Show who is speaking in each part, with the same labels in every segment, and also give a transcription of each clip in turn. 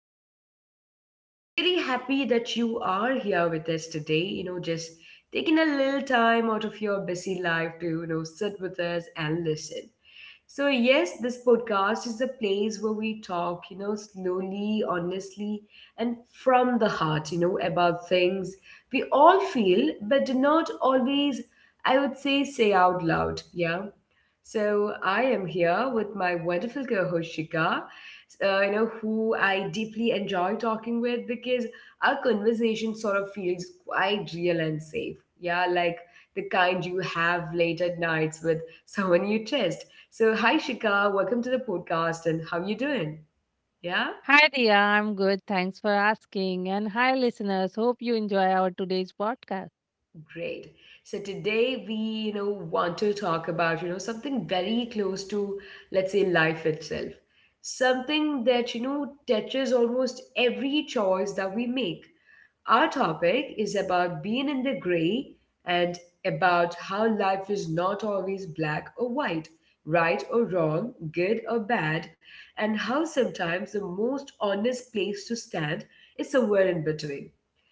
Speaker 1: am Dia, and I'm really happy that you are here with us today. Just taking a little time out of your busy life to sit with us and listen. So, yes, this podcast is a place where we talk slowly, honestly, and from the heart about things we all feel but do not always, I would say, say out loud. Yeah. So I am here with my wonderful co-host Shika, who I deeply enjoy talking with because our conversation sort of feels quite real and safe. Yeah, like the kind you have late at nights with someone you trust. So hi Shika, welcome to the podcast and how you doing? Yeah?
Speaker 2: Hi, Dia. I'm good. Thanks for asking. And hi, listeners. Hope you enjoy our today's podcast.
Speaker 1: Great. So today we want to talk about something very close to, let's say, life itself. Something that touches almost every choice that we make. Our topic is about being in the gray and about how life is not always black or white, right or wrong, good or bad, and how sometimes the most honest place to stand is somewhere in between.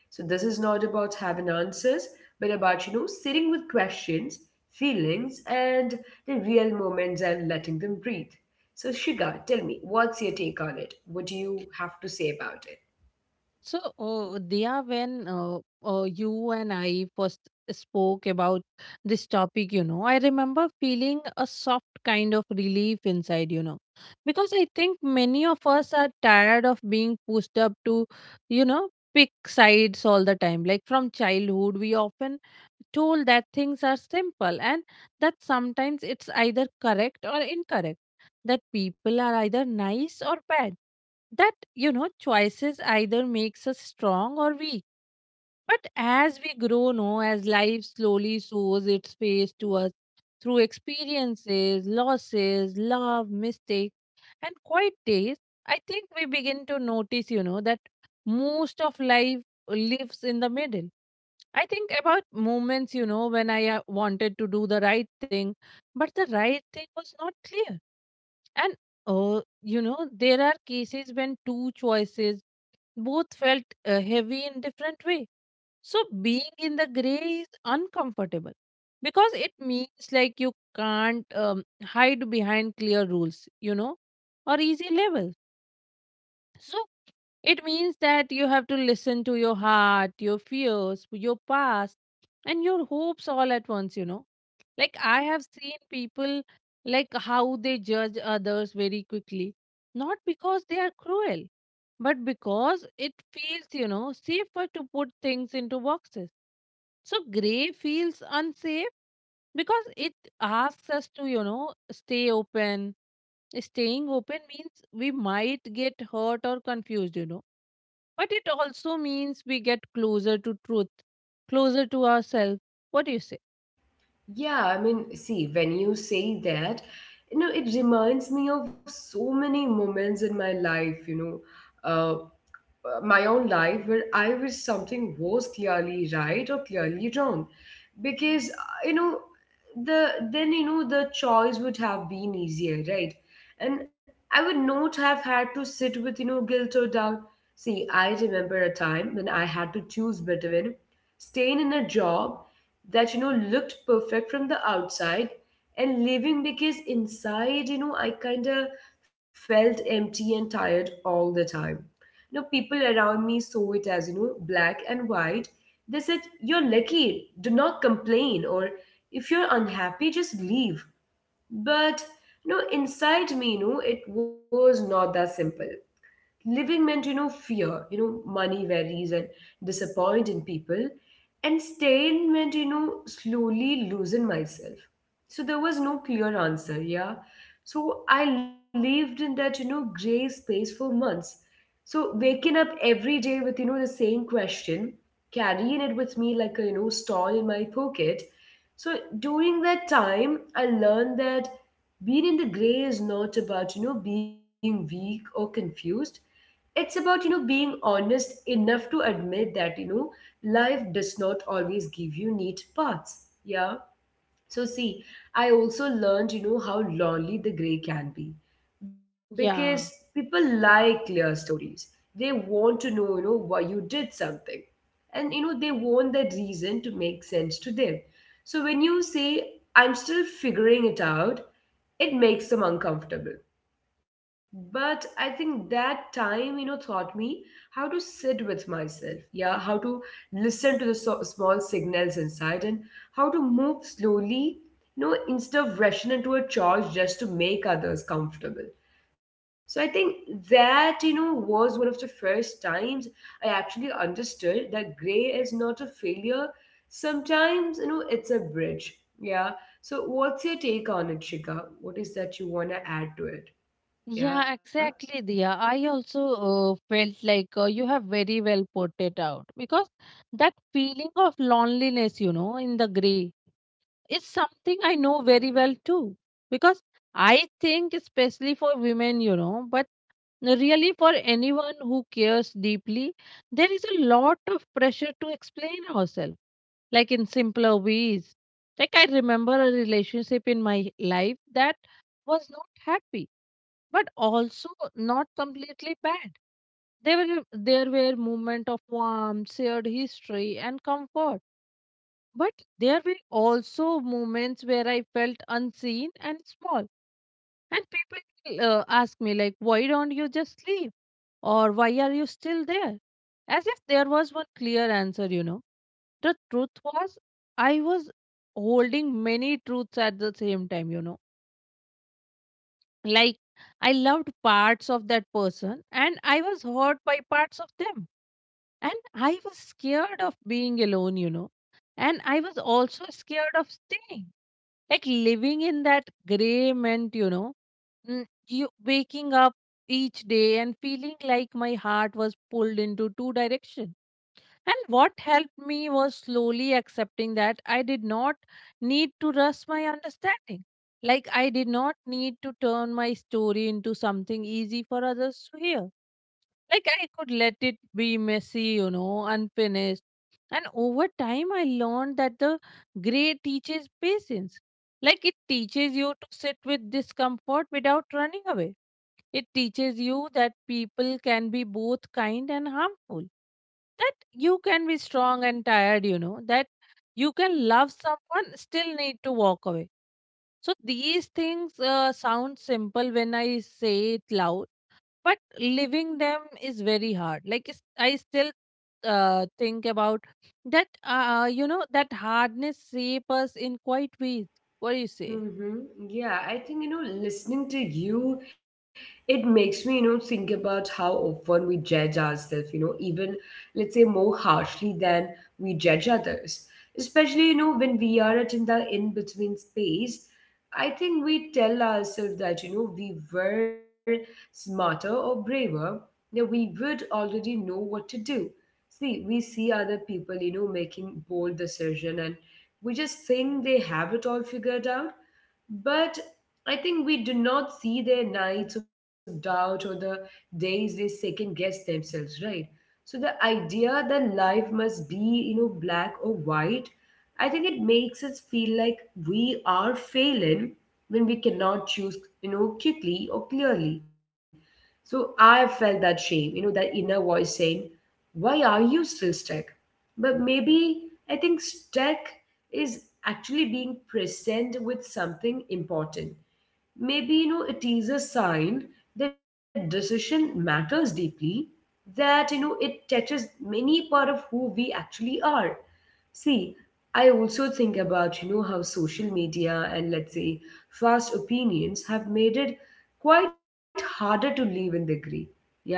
Speaker 1: So this is not about having answers, but about sitting with questions, feelings, and the real moments and letting them breathe. So Shiga, tell me, what's your take on it? What do you have to say about it?
Speaker 2: So, Diya, when you and I first spoke about this topic, you know, I remember feeling a soft kind of relief inside, you know, because I think many of us are tired of being pushed up to, you know, pick sides all the time. Like from childhood, we often told that things are simple and that sometimes it's either correct or incorrect, that people are either nice or bad, that you know choices either makes us strong or weak. But as we grow, no, as life slowly shows its face to us through experiences, losses, love, mistakes, and quiet days, I think we begin to notice, you know, that most of life lives in the middle. I think about moments, you know, when I wanted to do the right thing, but the right thing was not clear. And, you know, there are cases when two choices both felt heavy in different way. So being in the gray is uncomfortable because it means like you can't hide behind clear rules, you know, or easy levels. So it means that you have to listen to your heart, your fears, your past, and your hopes all at once, you know. Like I have seen people, like how they judge others very quickly, not because they are cruel, but because it feels, you know, safer to put things into boxes. So gray feels unsafe because it asks us to, you know, stay open. Staying open means we might get hurt or confused, you know. But it also means we get closer to truth, closer to ourselves. What do you say?
Speaker 1: Yeah, I mean, see, when you say that it reminds me of so many moments in my life. uh, my own life where I wish something was clearly right or clearly wrong. Because, you know, the then the choice would have been easier, right? And I would not have had to sit with guilt or doubt. See, I remember a time when I had to choose between staying in a job that looked perfect from the outside, and leaving because inside I kind of felt empty and tired all the time. People around me saw it as black and white. They said, you're lucky, do not complain, or if you're unhappy just leave. But inside me, it was not that simple. Living meant fear, money worries, and disappointing people. And staying meant slowly losing myself. So there was no clear answer. Yeah. So I lived in that gray space for months. So waking up every day with the same question, carrying it with me like a stall in my pocket. So during that time I learned that being in the gray is not about being weak or confused. It's about being honest enough to admit that life does not always give you neat paths. Yeah. So see, I also learned how lonely the gray can be, because
Speaker 2: Yeah,
Speaker 1: people like clear stories. They want to know why you did something, and they want that reason to make sense to them. So when you say, I'm still figuring it out, it makes them uncomfortable. But I think that time taught me how to sit with myself. Yeah. How to listen to the small signals inside, and how to move slowly instead of rushing into a charge just to make others comfortable. So I think that was one of the first times I actually understood that gray is not a failure. Sometimes it's a bridge. Yeah. So what's your take on it, Shika? What is that you want to add to it? Yeah.
Speaker 2: yeah, exactly, Dia. I also felt like you have very well put it out, because that feeling of loneliness, you know, in the gray is something I know very well too. Because I think, especially for women, you know, but really for anyone who cares deeply, there is a lot of pressure to explain ourselves, like in simpler ways. Like I remember a relationship in my life that was not happy, but also not completely bad. There were moments of warmth, shared history, and comfort, but there were also moments where I felt unseen and small. And people ask me, like, why don't you just leave? Or why are you still there? As if there was one clear answer, you know. The truth was, I was holding many truths at the same time, you know. Like, I loved parts of that person and I was hurt by parts of them. And I was scared of being alone, you know. And I was also scared of staying. Like living in that gray meant, you know, you waking up each day and feeling like my heart was pulled into two directions. And what helped me was slowly accepting that I did not need to rush my understanding. Like, I did not need to turn my story into something easy for others to hear. Like, I could let it be messy, you know, unfinished. And over time, I learned that the gray teaches patience. Like, it teaches you to sit with discomfort without running away. It teaches you that people can be both kind and harmful, that you can be strong and tired, you know, that you can love someone still need to walk away. So these things sound simple when I say it loud, but living them is very hard. Like I still think about that you know, that hardness shape us in quite ways. What do you say?
Speaker 1: Mm-hmm. Yeah, I think listening to you, it makes me think about how often we judge ourselves even, let's say, more harshly than we judge others. Especially when we are at in the in between space, I think we tell ourselves that we were smarter or braver, that we would already know what to do. See, we see other people making bold decision, and we just think they have it all figured out. But I think we do not see their nights of doubt, or the days they second guess themselves, right? So the idea that life must be black or white, I think it makes us feel like we are failing when we cannot choose quickly or clearly. So I felt that shame that inner voice saying, why are you still stuck? But maybe I think stuck is actually being present with something important. Maybe it is a sign that decision matters deeply, that it touches many part of who we actually are. See, I also think about how social media, and, let's say, fast opinions have made it quite harder to live in the gray. Yeah, like,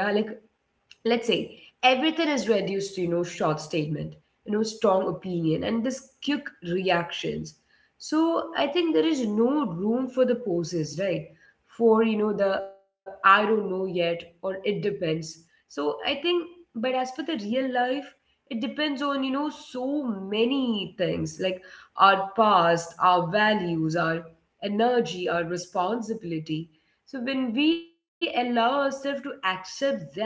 Speaker 1: let's say, everything is reduced to short statement, strong opinion, and this quick reactions. So I think there is no room for the poses, right? For the I don't know yet, or it depends. So I think, but as for the real life, it depends on so many things, like our past, our values, our energy, our responsibility. So when we allow ourselves to accept that,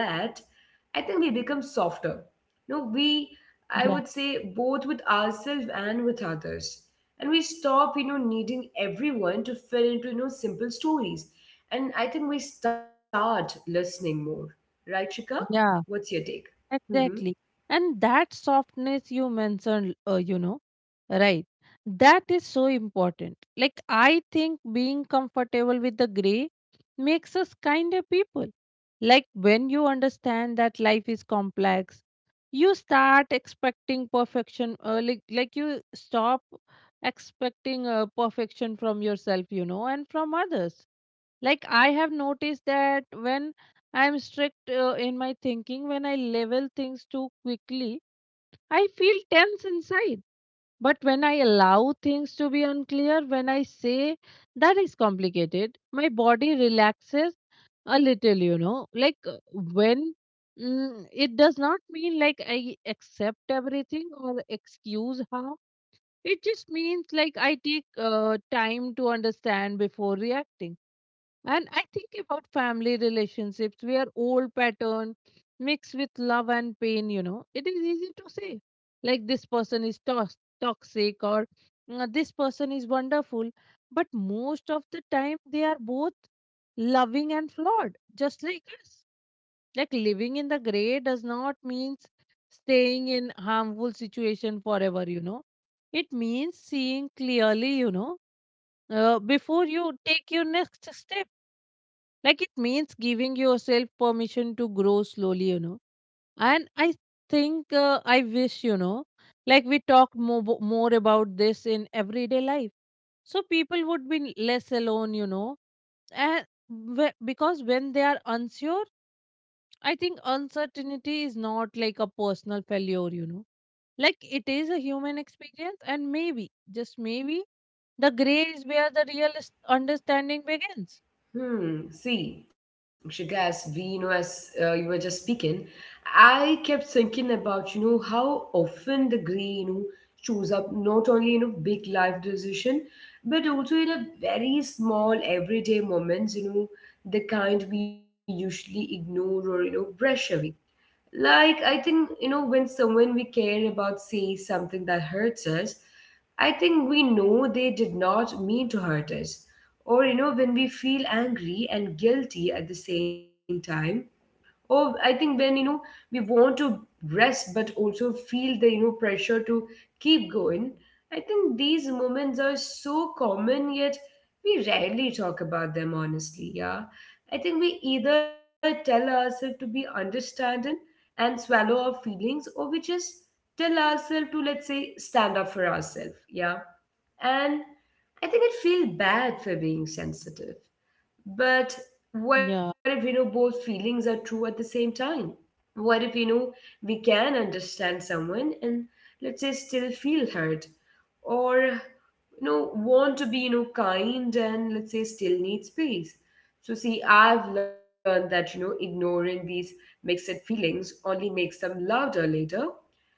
Speaker 1: I think we become softer. We, I
Speaker 2: Yeah,
Speaker 1: would say, both with ourselves and with others. And we stop needing everyone to fit into simple stories. And I think we start listening more. Right, Shika?
Speaker 2: yeah.
Speaker 1: What's your take? Mm-hmm.
Speaker 2: Exactly. And that softness you mentioned, you know, right, that is so important. Like, I think being comfortable with the gray makes us kinder people. Like, when you understand that life is complex, you start expecting perfection, like you stop expecting perfection from yourself, you know, and from others. Like I have noticed that when I'm strict in my thinking, when I level things too quickly, I feel tense inside. But when I allow things to be unclear, when I say that is complicated, my body relaxes a little, you know. When it does not mean like I accept everything or excuse how, it just means like I take time to understand before reacting. And I think about family relationships where old pattern mixed with love and pain, you know, it is easy to say like this person is toxic, or "Mm, this person is wonderful." But most of the time, they are both loving and flawed, just like us. Like living in the gray does not mean staying in harmful situation forever, you know. It means seeing clearly, you know, before you take your next step. Like it means giving yourself permission to grow slowly, you know. And I think I wish, you know, like we talk more about this in everyday life. So people would be less alone, you know. And because when they are unsure, I think uncertainty is not like a personal failure, you know. Like it is a human experience, and maybe, just maybe, the gray is where the understanding begins.
Speaker 1: Hmm. See, Shigas, as you were just speaking, I kept thinking about how often the gray shows up not only in a big life decision, but also in a very small everyday moments the kind we usually ignore, or brush away. Like, I think when someone we care about says something that hurts us, I think we know they did not mean to hurt us. Or when we feel angry and guilty at the same time. Oh, I think when we want to rest but also feel the pressure to keep going. I think these moments are so common, yet we rarely talk about them honestly. Yeah. I think we either tell ourselves to be understanding and swallow our feelings, or we just tell ourselves to, let's say, stand up for ourselves. Yeah. And I think I feel bad for being sensitive. But what if
Speaker 2: Yeah,
Speaker 1: both feelings are true at the same time? What if we can understand someone and, let's say, still feel hurt, or want to be kind and, let's say, still need space? So, see, I've learned that ignoring these mixed feelings only makes them louder later.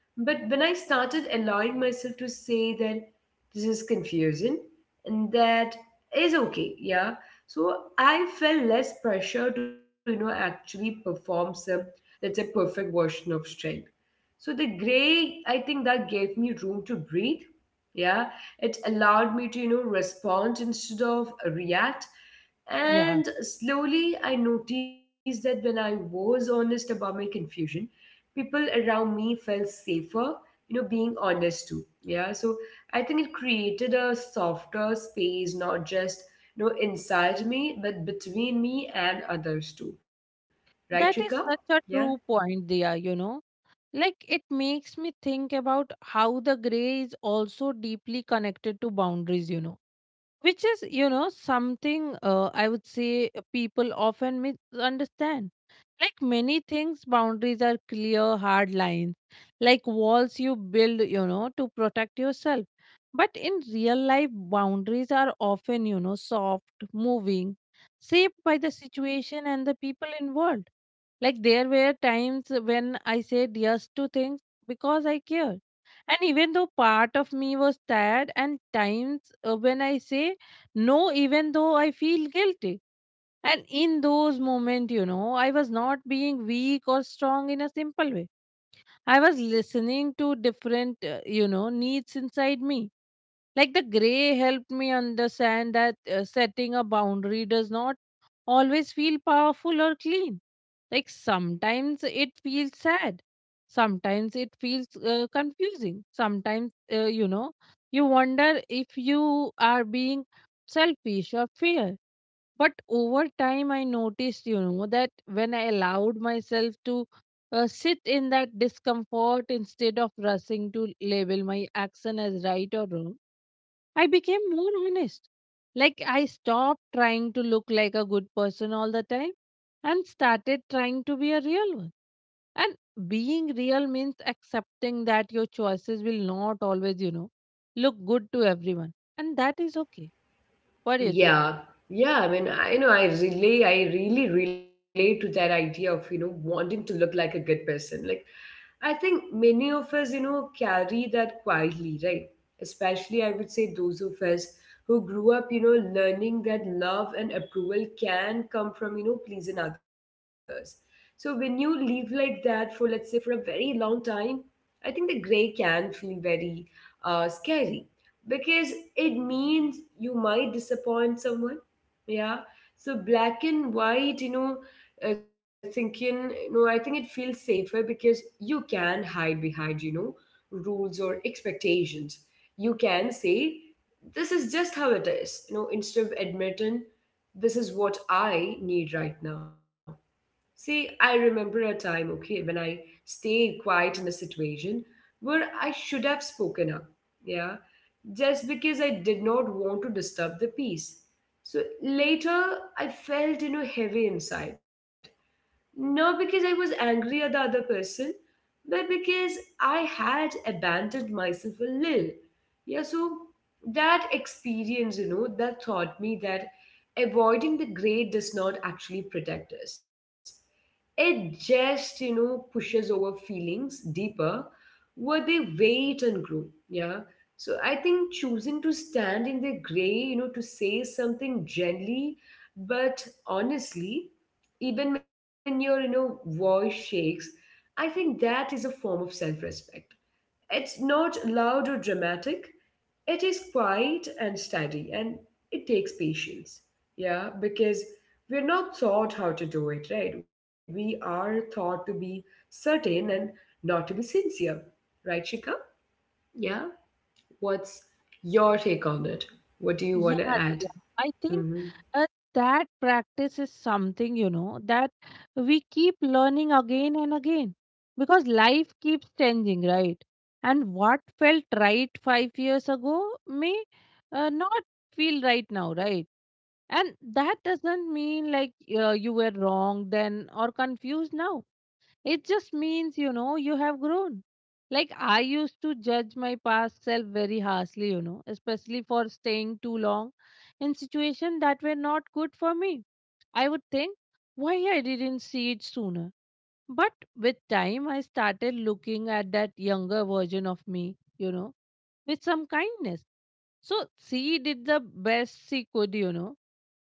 Speaker 1: But when I started allowing myself to say that this is confusing, and that is okay, yeah. So I felt less pressure to actually perform some that's a perfect version of strength. So the gray, I think that gave me room to breathe. Yeah, it allowed me to respond instead of react.
Speaker 2: yeah.
Speaker 1: And slowly I noticed that when I was honest about my confusion, people around me felt safer being honest too. Yeah, so I think it created a softer space, not just inside me, but between me and others too. Right, Chika?
Speaker 2: That is such
Speaker 1: Yeah.
Speaker 2: a true point, Dia, you know. Like it makes me think about how the gray is also deeply connected to boundaries, you know, which is, you know, something I would say people often misunderstand. Like many things, boundaries are clear, hard lines, like walls you build, you know, to protect yourself. But in real life, boundaries are often, you know, soft, moving, shaped by the situation and the people involved. Like there were times when I said yes to things because I cared. And even though part of me was tired, and times when I say no, even though I feel guilty. And in those moments, you know, I was not being weak or strong in a simple way. I was listening to different, you know, needs inside me. Like the gray helped me understand that setting a boundary does not always feel powerful or clean. Like sometimes it feels sad. Sometimes it feels confusing. Sometimes, you know, you wonder if you are being selfish or fair. But over time, I noticed, you know, that when I allowed myself to sit in that discomfort instead of rushing to label my action as right or wrong, I became more honest. Like I stopped trying to look like a good person all the time and started trying to be a real one. And being real means accepting that your choices will not always, you know, look good to everyone. And that is okay. What do you think?
Speaker 1: Yeah, yeah. I mean, I know I really relate to that idea of wanting to look like a good person. Like, I think many of us carry that quietly, right? Especially, I would say, those of us who grew up learning that love and approval can come from pleasing others. So when you live like that for, let's say, for a very long time, I think the gray can feel very scary, because it means you might disappoint someone. Yeah. So black and white thinking I think it feels safer, because you can hide behind rules or expectations. You can say, this is just how it is, instead of admitting this is what I need right now. See, I remember a time, okay, when I stayed quiet in a situation where I should have spoken up, yeah, just because I did not want to disturb the peace. So later, I felt heavy inside. Not because I was angry at the other person, but because I had abandoned myself a little. Yeah, so that experience that taught me that avoiding the great does not actually protect us. It just pushes over feelings deeper, where they wait and grow. Yeah. So I think choosing to stand in the gray, you know, to say something gently but honestly, even when your, you know, voice shakes, I think that is a form of self respect. It's not loud or dramatic, it is quiet and steady, and it takes patience. Yeah, because we're not taught how to do it, right? We are taught to be certain and not to be sincere, right, Shika? Yeah, what's your take on it? What do you want to
Speaker 2: Yeah,
Speaker 1: add?
Speaker 2: Diya. I think
Speaker 1: Mm-hmm.
Speaker 2: uh, that practice is something, you know, that we keep learning again and again because life keeps changing, right? And what felt right 5 years ago may not feel right now, right? And that doesn't mean like you were wrong then or confused now. It just means, you know, you have grown. Like, I used to judge my past self very harshly, you know, especially for staying too long in situations that were not good for me. I would think, why I didn't see it sooner. But with time, I started looking at that younger version of me, you know, with some kindness. So, she did the best she could, you know,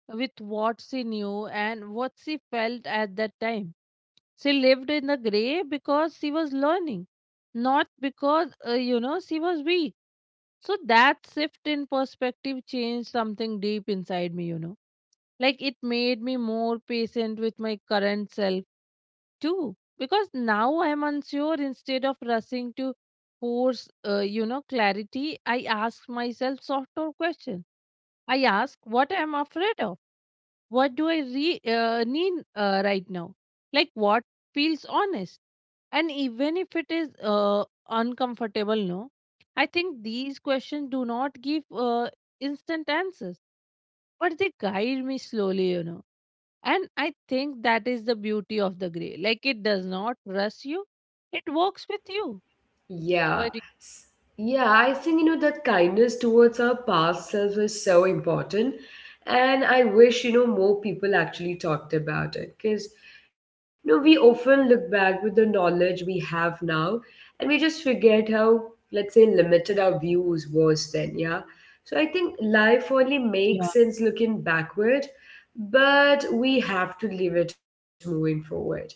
Speaker 2: with what she knew and what she felt at that time. She lived in the grave because she was learning, not because, you know, she was weak. So that shift in perspective changed something deep inside me, you know. Like it made me more patient with my current self too. Because now I'm unsure, instead of rushing to force, you know, clarity, I ask myself softer questions. I ask what I'm afraid of, what do I need right now? Like what feels honest? And even if it is uncomfortable, no, I think these questions do not give instant answers, but they guide me slowly, you know. And I think that is the beauty of the gray. Like it does not rush you, it works with you.
Speaker 1: Yeah.
Speaker 2: But
Speaker 1: S- Yeah, I think, you know, that kindness towards our past selves is so important. And I wish, you know, more people actually talked about it because, you know, we often look back with the knowledge we have now and we just forget how, let's say, limited our views was then. Yeah. So I think life only
Speaker 2: yeah,
Speaker 1: makes sense looking backward, but we have to live it moving forward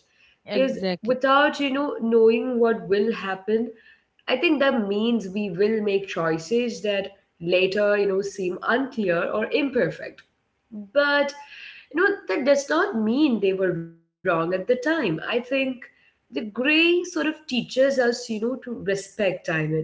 Speaker 1: because
Speaker 2: exactly.
Speaker 1: without, you know, knowing what will happen, I think that means we will make choices that later, you know, seem unclear or imperfect. But, you know, that does not mean they were wrong at the time. I think the gray sort of teaches us, you know, to respect time.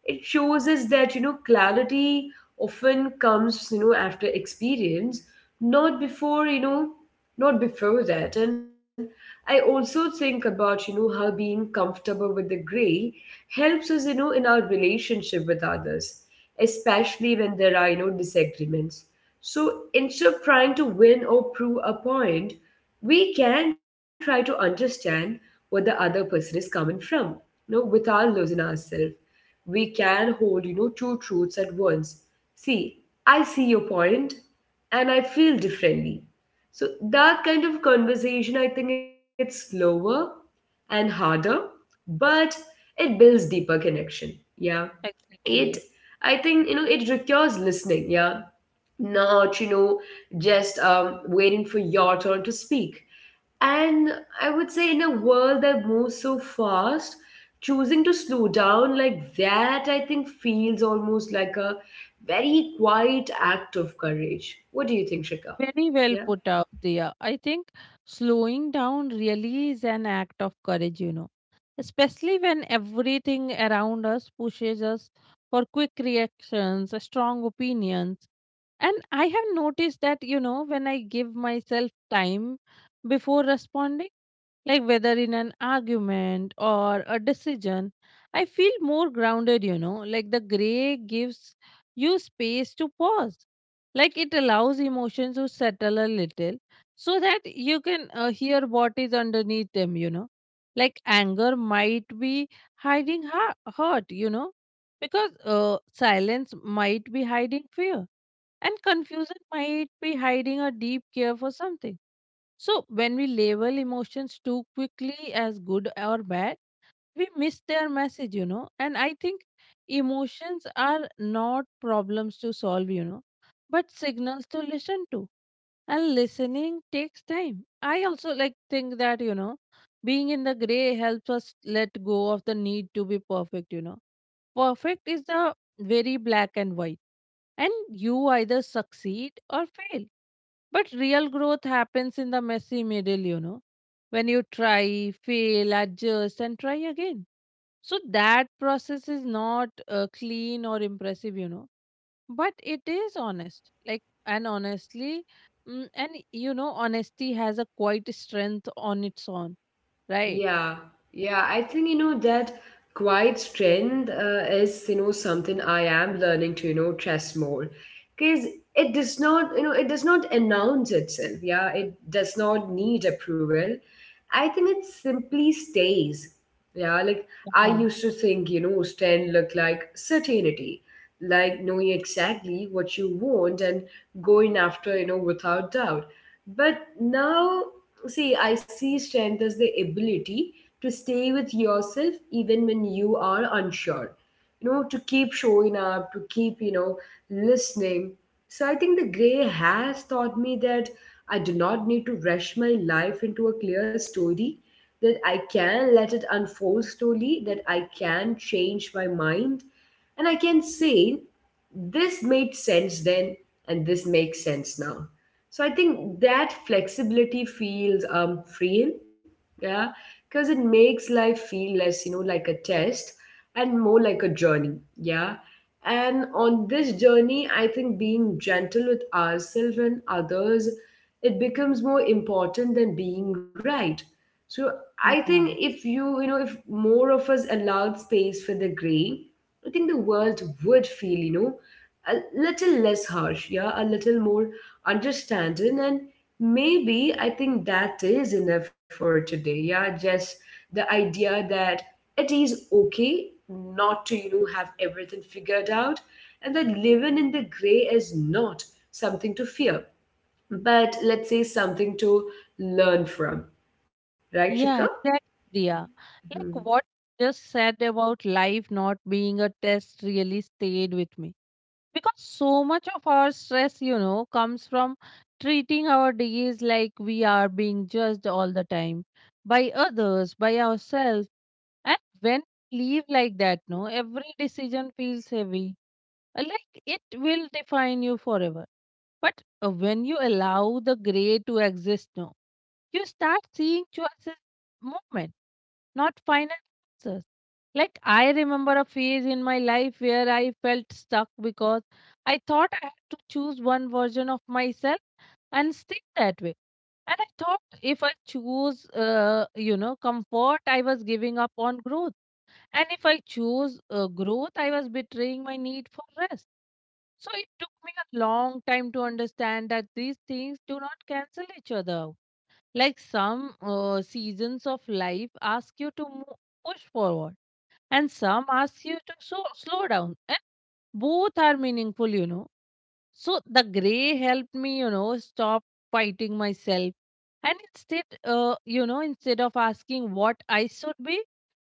Speaker 1: It shows us that, you know, clarity often comes, you know, after experience, not before, you know, not before that. And I also think about, you know, how being comfortable with the gray helps us, you know, in our relationship with others, especially when there are, you know, disagreements. So instead of trying to win or prove a point, we can try to understand where the other person is coming from, you know, without losing ourselves. We can hold, you know, two truths at once. See, I see your point and I feel differently. So that kind of conversation, I think, it's slower and harder, but it builds deeper connection. Yeah, it,
Speaker 2: Exactly. yeah.
Speaker 1: I think, you know, it requires listening, yeah, not, you know, just waiting for your turn to speak. And I would say, in a world that moves so fast, choosing to slow down like that, I think, feels almost like a very quiet act of courage. What do you think, Shika?
Speaker 2: Very well
Speaker 1: Yeah?
Speaker 2: put out, Dia. I think slowing down really is an act of courage, you know, especially when everything around us pushes us for quick reactions, strong opinions. And I have noticed that, you know, when I give myself time before responding, like whether in an argument or a decision, I feel more grounded, you know. Like the gray gives you space to pause. Like it allows emotions to settle a little so that you can hear what is underneath them, you know. Like anger might be hiding hurt, you know, because silence might be hiding fear, and confusion might be hiding a deep care for something. So, when we label emotions too quickly as good or bad, we miss their message. And I think emotions are not problems to solve, but signals to listen to. And listening takes time. I also like think that, you know, being in the gray helps us let go of the need to be perfect. Perfect is the very black and white, and you either succeed or fail, but real growth happens in the messy middle, when you try, fail, adjust, and try again. So that process is not clean or impressive, but it is honest. Like, and honestly, and you know, honesty has a quite strength on its own, right?
Speaker 1: Yeah, yeah. I think, you know, that quiet strength is, you know, something I am learning to, you know, trust more, because it does not, you know, it does not announce itself. Yeah, it does not need approval. I think it simply stays. Yeah, like I
Speaker 2: Yeah,
Speaker 1: used to think, you know, strength looked like certainty, like knowing exactly what you want and going after, you know, without doubt. But now, see, I see strength as the ability to stay with yourself even when you are unsure. You know, to keep showing up, to keep, you know, listening. So I think the gray has taught me that I do not need to rush my life into a clear story, that I can let it unfold slowly, that I can change my mind and I can say this made sense then and this makes sense now. So I think that flexibility feels freeing, yeah, because it makes life feel less, you know, like a test and more like a journey, yeah. And on this journey, I think being gentle with ourselves and others, it becomes more important than being right. So I think
Speaker 2: yeah.
Speaker 1: if you, you know, if more of us allowed space for the gray, I think the world would feel, you know, a little less harsh, yeah, a little more understanding. And maybe I think that is enough for today, yeah, just the idea that it is okay not to, you know, have everything figured out and that living in the gray is not something to fear, but let's say something to learn from. Right, Shika?
Speaker 2: Yeah, exactly. Yeah.
Speaker 1: Hmm.
Speaker 2: Like what you just said about life not being a test really stayed with me, because so much of our stress you know comes from treating our days like we are being judged all the time, by others, by ourselves. And when we live like that, no, every decision feels heavy, like it will define you forever. But when you allow the gray to exist now, you start seeing choices, movement, not final answers. Like I remember a phase in my life where I felt stuck because I thought I had to choose one version of myself and stick that way. And I thought if I choose you know comfort, I was giving up on growth, and if I choose growth, I was betraying my need for rest. So it took me a long time to understand that these things do not cancel each other. Like some seasons of life ask you to push forward, and some ask you to slow down. And both are meaningful, you know. So the gray helped me, you know, stop fighting myself. And instead, instead of asking what I should be,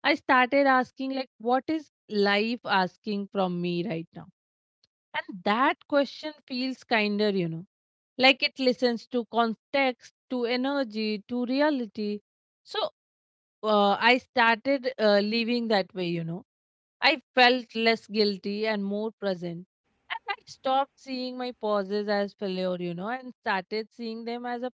Speaker 2: I started asking, like, what is life asking from me right now? And that question feels kinder, you know. Like it listens to context, to energy, to reality. So I started living that way, you know. I felt less guilty and more present. And I stopped seeing my pauses as failure, you know, and started seeing them as a.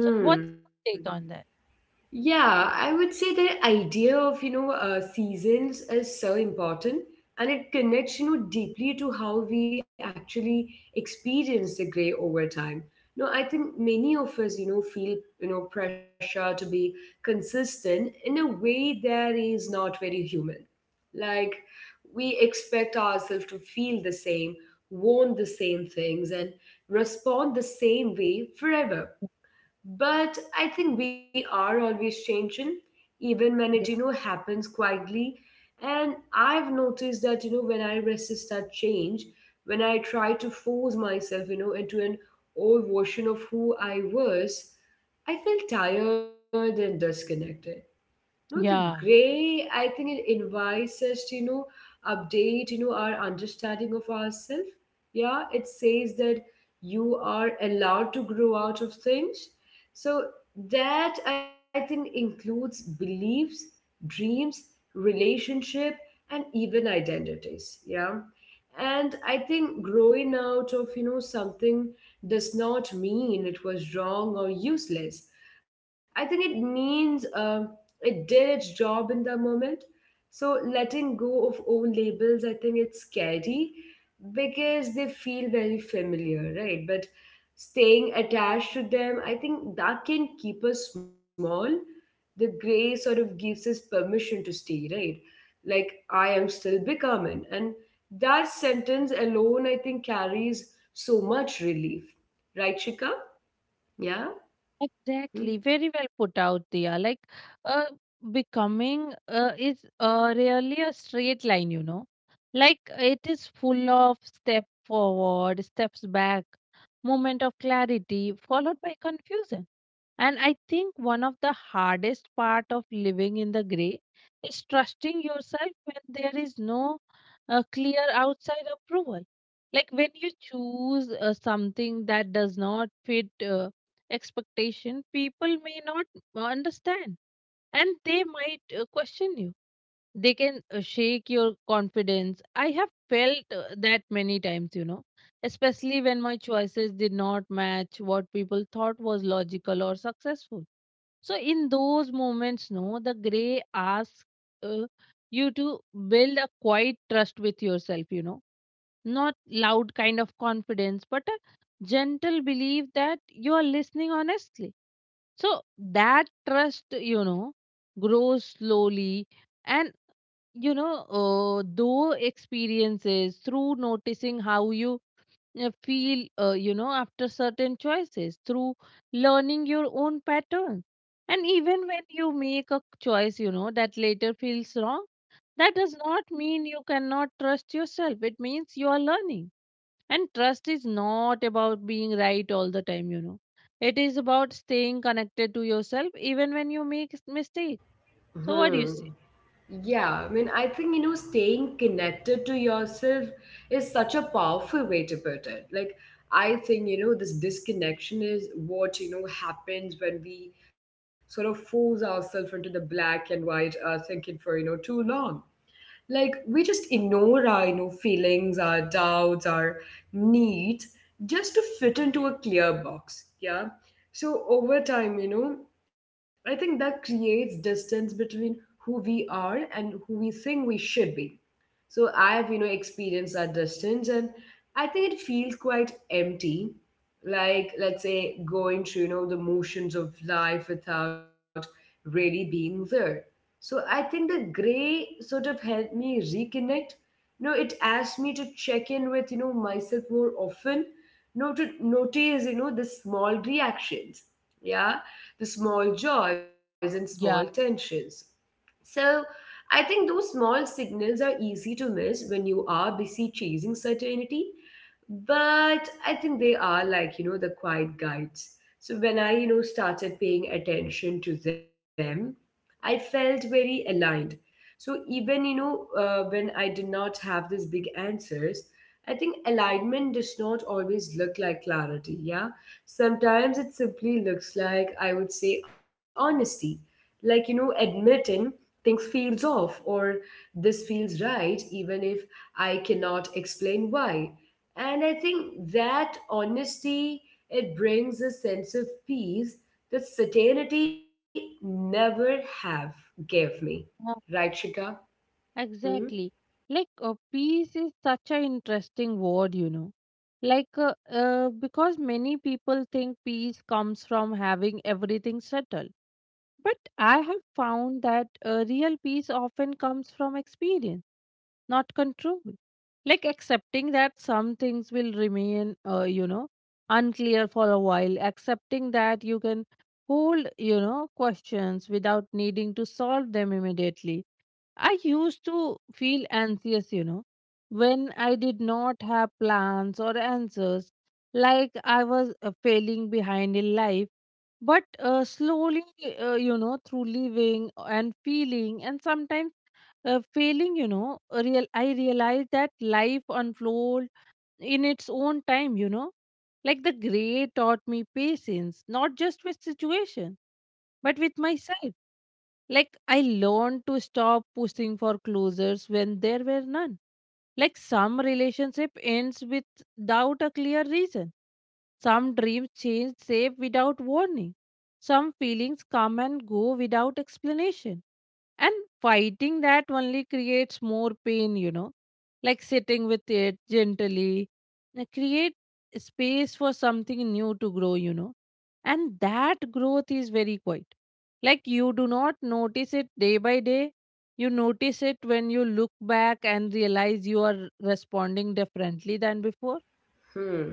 Speaker 2: So, what's
Speaker 1: Hmm.
Speaker 2: your take on that?
Speaker 1: Yeah, I would say the idea of, you know, seasons is so important and it connects, you know, deeply to how we actually experience the gray over time. No, I think many of us, you know, feel, you know, pressure to be consistent in a way that is not very human. Like we expect ourselves to feel the same, want the same things, and respond the same way forever, but I think we are always changing, even when it, you know,
Speaker 2: Yeah.
Speaker 1: happens quietly. And I've noticed that, you know, when I resist that change, when I try to force myself, you know, into an old version of who I was, I feel tired and disconnected. No, the
Speaker 2: Yeah.
Speaker 1: gray, I think it invites us to, you know, update, you know, our understanding of ourselves. Yeah, it says that you are allowed to grow out of things. So that I think includes beliefs, dreams, relationship, and even identities. Yeah. And I think growing out of, you know, something does not mean it was wrong or useless. I think it means it did its job in the moment. So letting go of own labels, I think it's scary because they feel very familiar, right? But staying attached to them, I think that can keep us small. The gray sort of gives us permission to stay, right? Like I am still becoming. And that sentence alone, I think, carries so much relief. Right, Shika? Yeah?
Speaker 2: Exactly,
Speaker 1: Hmm.
Speaker 2: very well put out, Dia. Like, uh, becoming is really a straight line, you know. Like, it is full of step forward, steps back, moment of clarity, followed by confusion. And I think one of the hardest part of living in the gray is trusting yourself when there is no clear outside approval. Like when you choose something that does not fit. Expectation people may not understand, and they might question you, they can shake your confidence. I have felt that many times, you know, especially when my choices did not match what people thought was logical or successful. So in those moments, no, the gray asks uh, you to build a quiet trust with yourself, you know, not loud kind of confidence, but a gentle belief that you are listening honestly. So that trust, you know, grows slowly, and you know, though experiences, through noticing how you feel, you know, after certain choices, through learning your own patterns. And even when you make a choice, you know, that later feels wrong, that does not mean you cannot trust yourself. It means you are learning. And trust is not about being right all the time, you know. It is about staying connected to yourself even when you make mistakes. So, what do you
Speaker 1: Hmm.
Speaker 2: say?
Speaker 1: Yeah, I mean, I think, you know, staying connected to yourself is such a powerful way to put it. Like, I think, you know, this disconnection is what, you know, happens when we sort of force ourselves into the black and white thinking for, you know, too long. Like, we just ignore our, you know, feelings, our doubts, our needs just to fit into a clear box. Yeah. So, over time, you know, I think that creates distance between who we are and who we think we should be. So I've, you know, experienced that distance and I think it feels quite empty. Like, let's say, going through, you know, the motions of life without really being there. So I think the gray sort of helped me reconnect. You know, it asked me to check in with, you know, myself more often. You know, to notice, you know, the small reactions. Yeah. The small joys and small
Speaker 2: Yeah.
Speaker 1: tensions. So I think those small signals are easy to miss when you are busy chasing certainty. But I think they are like, you know, the quiet guides. So when I, you know, started paying attention to them, I felt very aligned. So even, you know, when I did not have these big answers, I think alignment does not always look like clarity. Yeah. Sometimes it simply looks like, I would say, honesty, like, you know, admitting things feels off or this feels right even if I cannot explain why. And I think that honesty, it brings a sense of peace that certainty never have gave me,
Speaker 2: Yeah,
Speaker 1: right, Shika? Hmm.
Speaker 2: exactly. Like, peace is such an interesting word, you know. Like, because many people think peace comes from having everything settled. But I have found that real peace often comes from experience, not control. Like accepting that some things will remain, you know, unclear for a while, accepting that you can hold, you know, questions without needing to solve them immediately. I used to feel anxious, you know, when I did not have plans or answers, like I was failing behind in life. But slowly, you know, through living and feeling and sometimes failing, you know, real I realized that life unfold in its own time, you know. Like the gray taught me patience, not just with situation, but with myself. Like I learned to stop pushing for closures when there were none. Like some relationship ends without a clear reason, some dreams change shape without warning, some feelings come and go without explanation. And fighting that only creates more pain, you know. Like sitting with it gently, create space for something new to grow, you know. And that growth is very quiet. Like you do not notice it day by day. You notice it when you look back and realize you are responding differently than before.
Speaker 1: Hmm.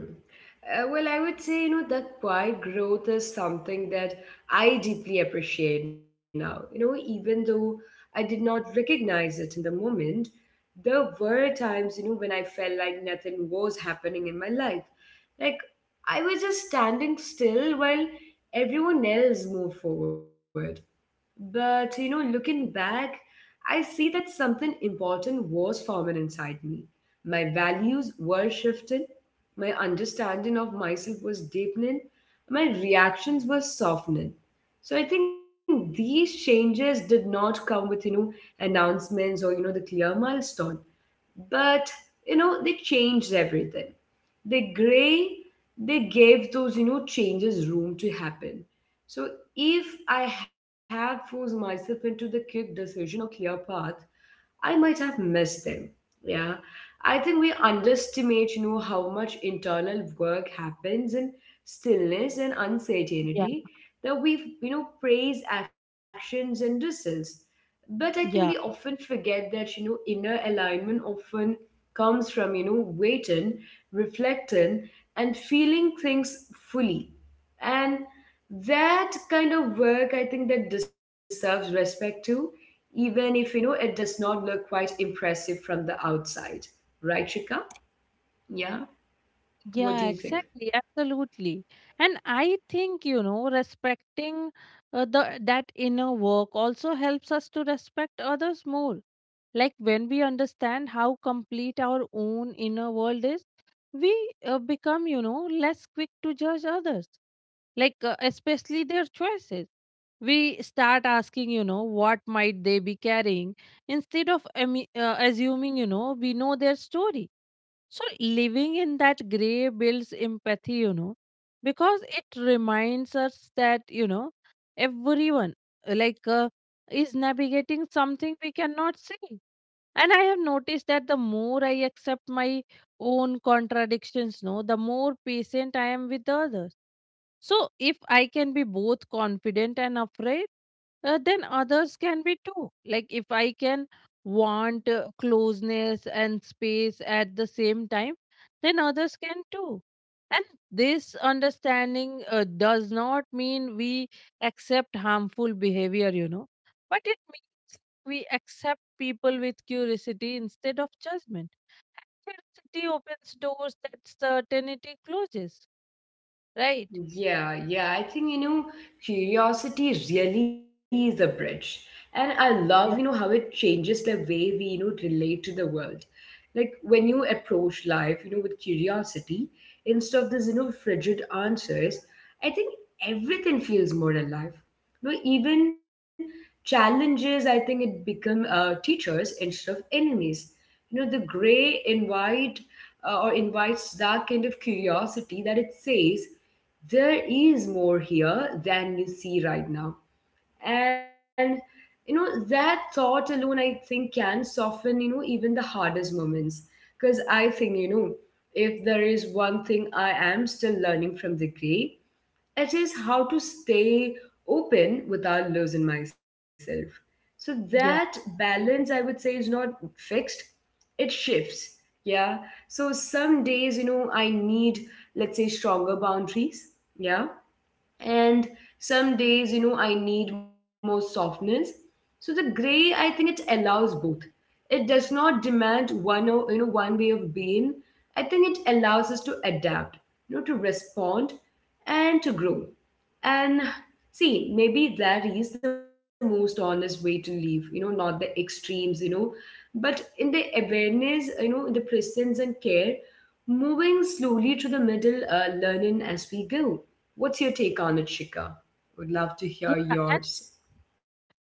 Speaker 1: Well, I would say, you know, that quiet growth is something that I deeply appreciate now. You know, even though I did not recognize it in the moment, there were times, you know, when I felt like nothing was happening in my life. Like I was just standing still while everyone else moved forward. But, you know, looking back, I see that something important was forming inside me. My values were shifting, my understanding of myself was deepening, my reactions were softening. So I think these changes did not come with, you know, announcements or, you know, the clear milestone, but, you know, they changed everything. The gray, they gave those, you know, changes room to happen. So if I had forced myself into the quick decision or clear path, I might have missed them. Yeah. I think we underestimate, you know, how much internal work happens in stillness and
Speaker 2: Yeah.
Speaker 1: uncertainty, that we, you know, praise actions and results. But I think we
Speaker 2: Yeah.
Speaker 1: often forget that, you know, inner alignment often comes from, you know, waiting, reflecting, and feeling things fully. And that kind of work, I think, that deserves respect too, even if, you know, it does not look quite impressive from the outside, right, Shika? Yeah. What do
Speaker 2: Yeah,
Speaker 1: you think?
Speaker 2: exactly, absolutely. And I think, you know, respecting the that inner work also helps us to respect others more. Like when we understand how complete our own inner world is, we become, you know, less quick to judge others, like especially their choices. We start asking, you know, what might they be carrying instead of assuming, you know, we know their story. So living in that gray builds empathy, you know, because it reminds us that, you know, everyone uh, like uh, is navigating something we cannot see. And I have noticed that the more I accept my own contradictions, no, the more patient I am with others. So if I can be both confident and afraid, then others can be too. Like if I can want closeness and space at the same time, then others can too. And this understanding does not mean we accept harmful behavior, you know, but it means we accept people with curiosity instead of judgment. Curiosity opens doors that certainty closes, right?
Speaker 1: Yeah, yeah. I think, you know, curiosity really is a bridge. And I love, you know, how
Speaker 2: Yeah.
Speaker 1: it changes the way we, you know, relate to the world. Like when you approach life, you know, with curiosity, instead of this, you know, frigid answers, I think everything feels more alive. You know, even challenges, I think it become teachers instead of enemies. The gray invites that kind of curiosity that it says there is more here than you see right now. And that thought alone, I think, can soften, even the hardest moments, because I think, if there is one thing I am still learning from the gray, it is how to stay open without losing myself. So that
Speaker 2: Yeah.
Speaker 1: balance, I would say, is not fixed. It shifts. Yeah. So some days, I need, let's say, stronger boundaries. Yeah. And some days, I need more softness. So the gray, I think, it allows both. It does not demand one or, one way of being. I think it allows us to adapt, to respond, and to grow. And see, maybe that is the most honest way to live, not the extremes, but in the awareness, in the presence and care. Moving slowly to the middle, learning as we go. What's your take on it, Shika? Would love to
Speaker 2: Yeah,
Speaker 1: hear
Speaker 2: and
Speaker 1: yours.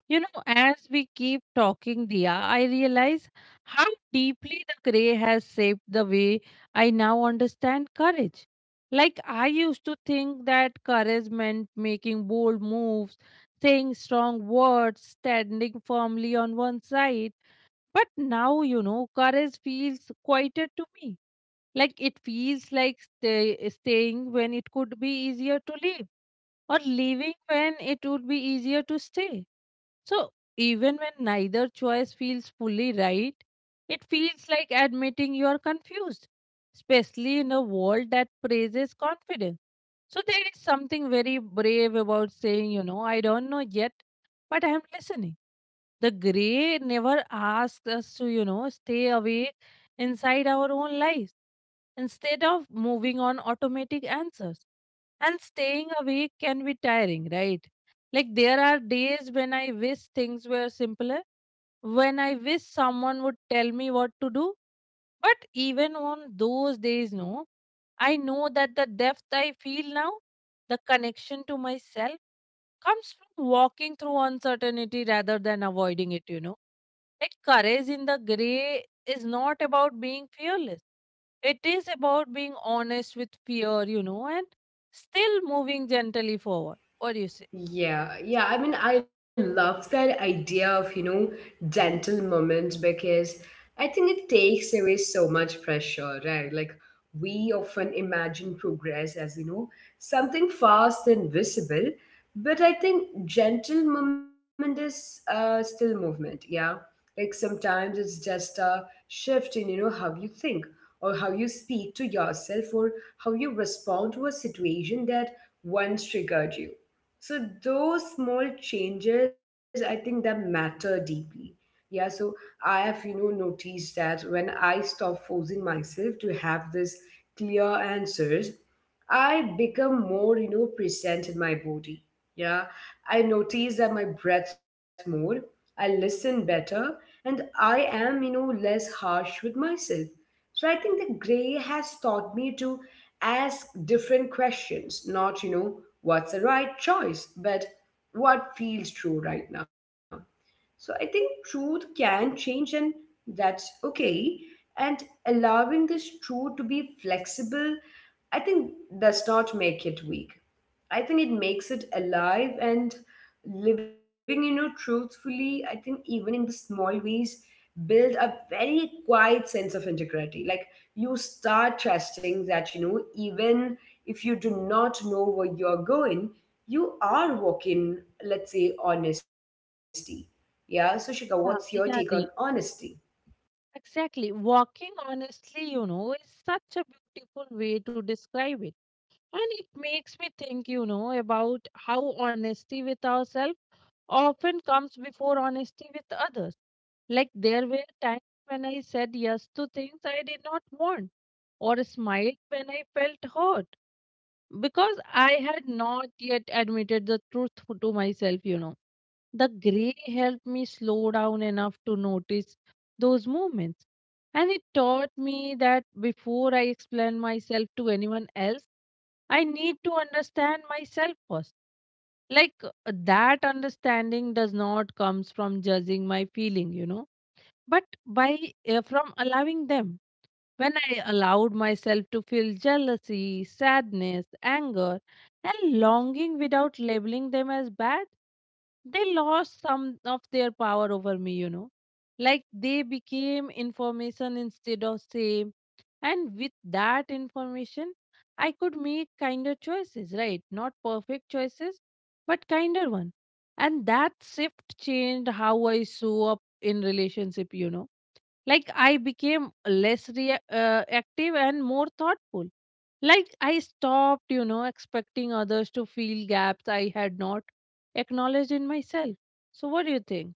Speaker 2: you know, as we keep talking, Dia, I realize how deeply the gray has shaped the way I now understand courage. Like, I used to think that courage meant making bold moves, saying strong words, standing firmly on one side. But now, you know, courage feels quieter to me. Like it feels like staying when it could be easier to leave, or leaving when it would be easier to stay. So, even when neither choice feels fully right, it feels like admitting you are confused, especially in a world that praises confidence. So, there is something very brave about saying, you know, I don't know yet, but I am listening. The gray never asks us to, you know, stay away inside our own lives instead of moving on automatic answers. And staying awake can be tiring, right? Like there are days when I wish things were simpler, when I wish someone would tell me what to do. But even on those days, no, I know that the depth I feel now, the connection to myself, comes from walking through uncertainty rather than avoiding it, you know. Like courage in the gray is not about being fearless, it is about being honest with fear, you know, and still moving gently forward. What do you say?
Speaker 1: Yeah, yeah. I mean, I love that idea of, gentle moments, because I think it takes away so much pressure, right? Like, we often imagine progress as, something fast and visible, but I think gentle movement is still movement, yeah. Like, sometimes it's just a shift in, how you think or how you speak to yourself or how you respond to a situation that once triggered you. So those small changes, I think, that matter deeply. Yeah. So I have, noticed that when I stop forcing myself to have this clear answers, I become more, present in my body. Yeah, I notice that my breath more, I listen better, and I am, less harsh with myself. So I think the gray has taught me to ask different questions, not, what's the right choice, but what feels true right now. So I think truth can change, and that's okay. And allowing this truth to be flexible, I think, does not make it weak. I think it makes it alive, and living, truthfully, I think, even in the small ways, build a very quiet sense of integrity. Like, you start trusting that, even if you do not know where you're going, you are walking, let's say, honesty. Yeah, so Shika, what's your take
Speaker 2: Yeah,
Speaker 1: on
Speaker 2: yeah.
Speaker 1: honesty?
Speaker 2: Exactly. Walking honestly, you know, is such a beautiful way to describe it. And it makes me think, you know, about how honesty with ourselves often comes before honesty with others. Like there were times when I said yes to things I did not want, or smiled when I felt hurt because I had not yet admitted the truth to myself, you know. The gray helped me slow down enough to notice those movements. And it taught me that before I explain myself to anyone else, I need to understand myself first. Like that understanding does not comes from judging my feeling, you know, but by from allowing them. When I allowed myself to feel jealousy, sadness, anger, and longing without labeling them as bad, they lost some of their power over me, you know. Like they became information instead of same. And with that information, I could make kinder choices, right? Not perfect choices, but kinder one. And that shift changed how I show up in relationship, you know, like I became less active and more thoughtful. Like I stopped, you know, expecting others to fill gaps I had not acknowledged in myself. So what do you think?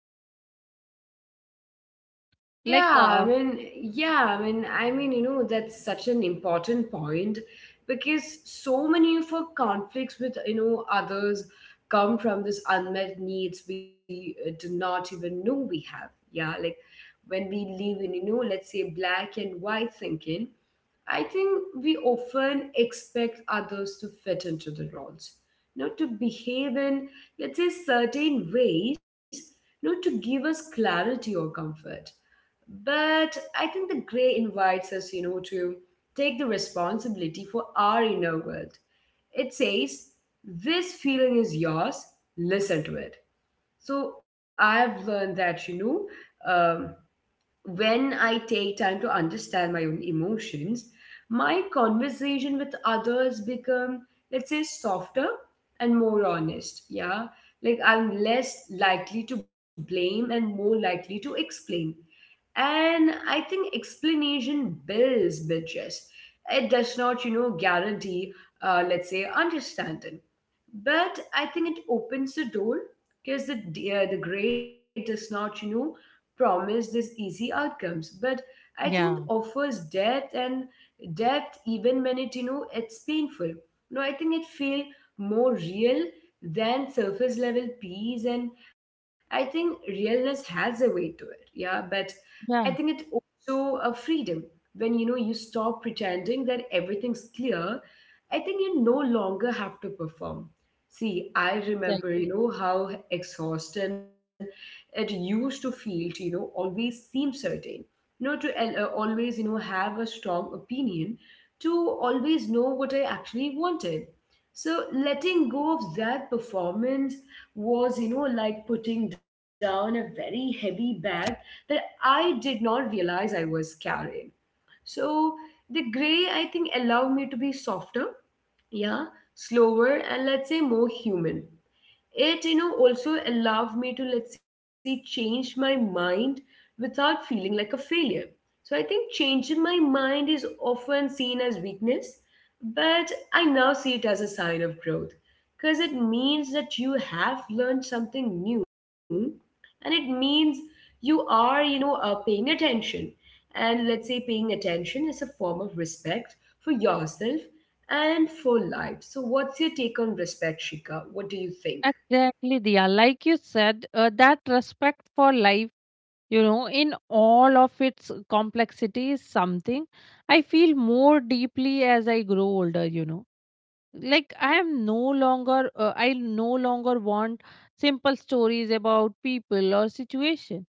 Speaker 2: Like,
Speaker 1: Yeah, I
Speaker 2: uh,
Speaker 1: mean, yeah, I mean, that's such an important point, because so many of our conflicts with, others come from this unmet needs we do not even know we have. Yeah, like when we live in, let's say, black and white thinking, I think we often expect others to fit into the roles, to behave in, let's say, certain ways, to give us clarity or comfort. But I think the gray invites us, to take the responsibility for our inner world. It says, this feeling is yours, listen to it. So I've learned that, know, um, when I take time to understand my own emotions, my conversation with others become, let's say, softer and more honest. Yeah. Like I'm less likely to blame and more likely to explain. And I think explanation builds bridges. It does not, guarantee, let's say, understanding, but I think it opens the door, because the grade does not, promise these easy outcomes, but I think it
Speaker 2: Yeah,
Speaker 1: offers depth, and depth even when it, it's painful. No, I think it feel more real than surface level peace, and I think realness has a way to it. Yeah, but I think it
Speaker 2: yeah,
Speaker 1: also a freedom when, you stop pretending that everything's clear. I think you no longer have to perform. See, I remember,
Speaker 2: exactly.
Speaker 1: how exhausting it used to feel to, always seem certain, to always, have a strong opinion, to always know what I actually wanted. So letting go of that performance was, like putting down a very heavy bag that I did not realize I was carrying. So the gray, I think, allowed me to be softer, yeah, slower, and let's say, more human. It also allowed me to, let's say, change my mind without feeling like a failure. So I think changing my mind is often seen as weakness, but I now see it as a sign of growth, because it means that you have learned something new, and it means you are, paying attention. And let's say paying attention is a form of respect for yourself and for life. So what's your take on respect, Shika? What do you think?
Speaker 2: Exactly, Diya. Like you said, that respect for life, you know, in all of its complexity is something I feel more deeply as I grow older, you know. Like I am no longer I no longer want simple stories about people or situation.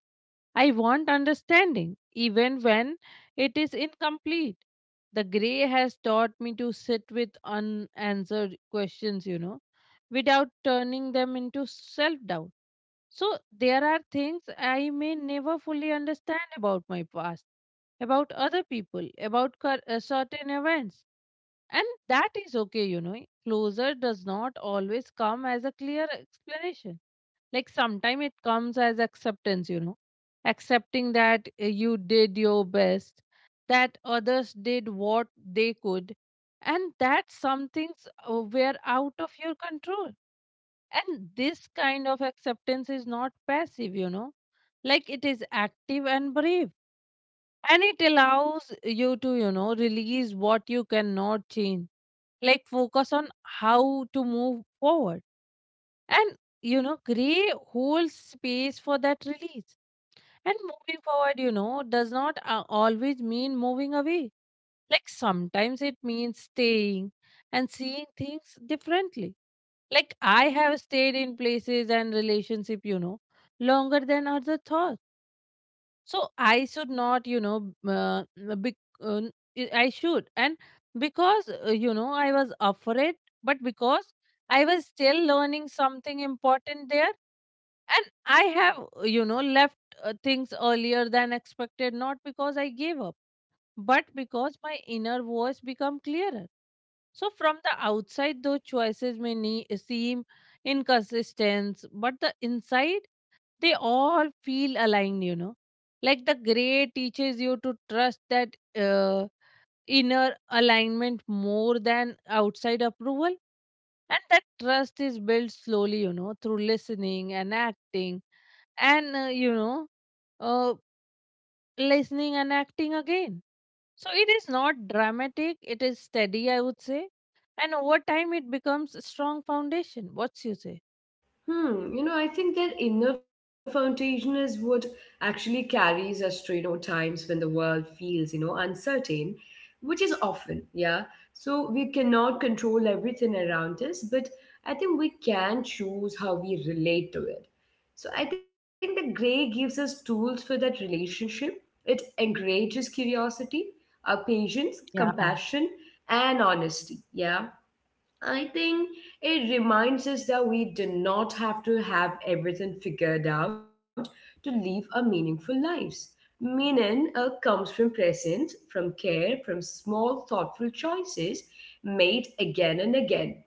Speaker 2: I want understanding even when it is incomplete. The gray has taught me to sit with unanswered questions, you know, without turning them into self doubt. So there are things I may never fully understand about my past, about other people, about certain events. And that is okay, you know. Closure does not always come as a clear explanation. Like sometimes it comes as acceptance, you know. Accepting that you did your best, that others did what they could, and that some things were out of your control. And this kind of acceptance is not passive, you know, like it is active and brave. And it allows you to, you know, release what you cannot change, like focus on how to move forward. And, you know, gray holds space for that release. And moving forward, you know, does not always mean moving away. Like sometimes it means staying and seeing things differently. Like I have stayed in places and relationship, you know, longer than other thought. So I should not, you know, be, uh, I should. And because, you know, I was afraid, but because I was still learning something important there. And I have, you know, left things earlier than expected, not because I gave up but because my inner voice become clearer. So from the outside, those choices seem inconsistent, but the inside, they all feel aligned, you know. Like the gray teaches you to trust that uh, inner alignment more than outside approval. And that trust is built slowly, you know, through listening and acting and, uh, listening and acting again. So it is not dramatic, it is steady, I would say. And over time, it becomes a strong foundation. What's you say?
Speaker 1: Hmm, I think that inner foundation is what actually carries us through, times when the world feels, uncertain, which is often, yeah. So we cannot control everything around us, but I think we can choose how we relate to it. So I think the gray gives us tools for that relationship. It encourages curiosity, patience,
Speaker 2: Yeah,
Speaker 1: compassion, and honesty. Yeah. I think it reminds us that we do not have to have everything figured out to live a meaningful lives. Meaning comes from presence, from care, from small thoughtful choices made again and again.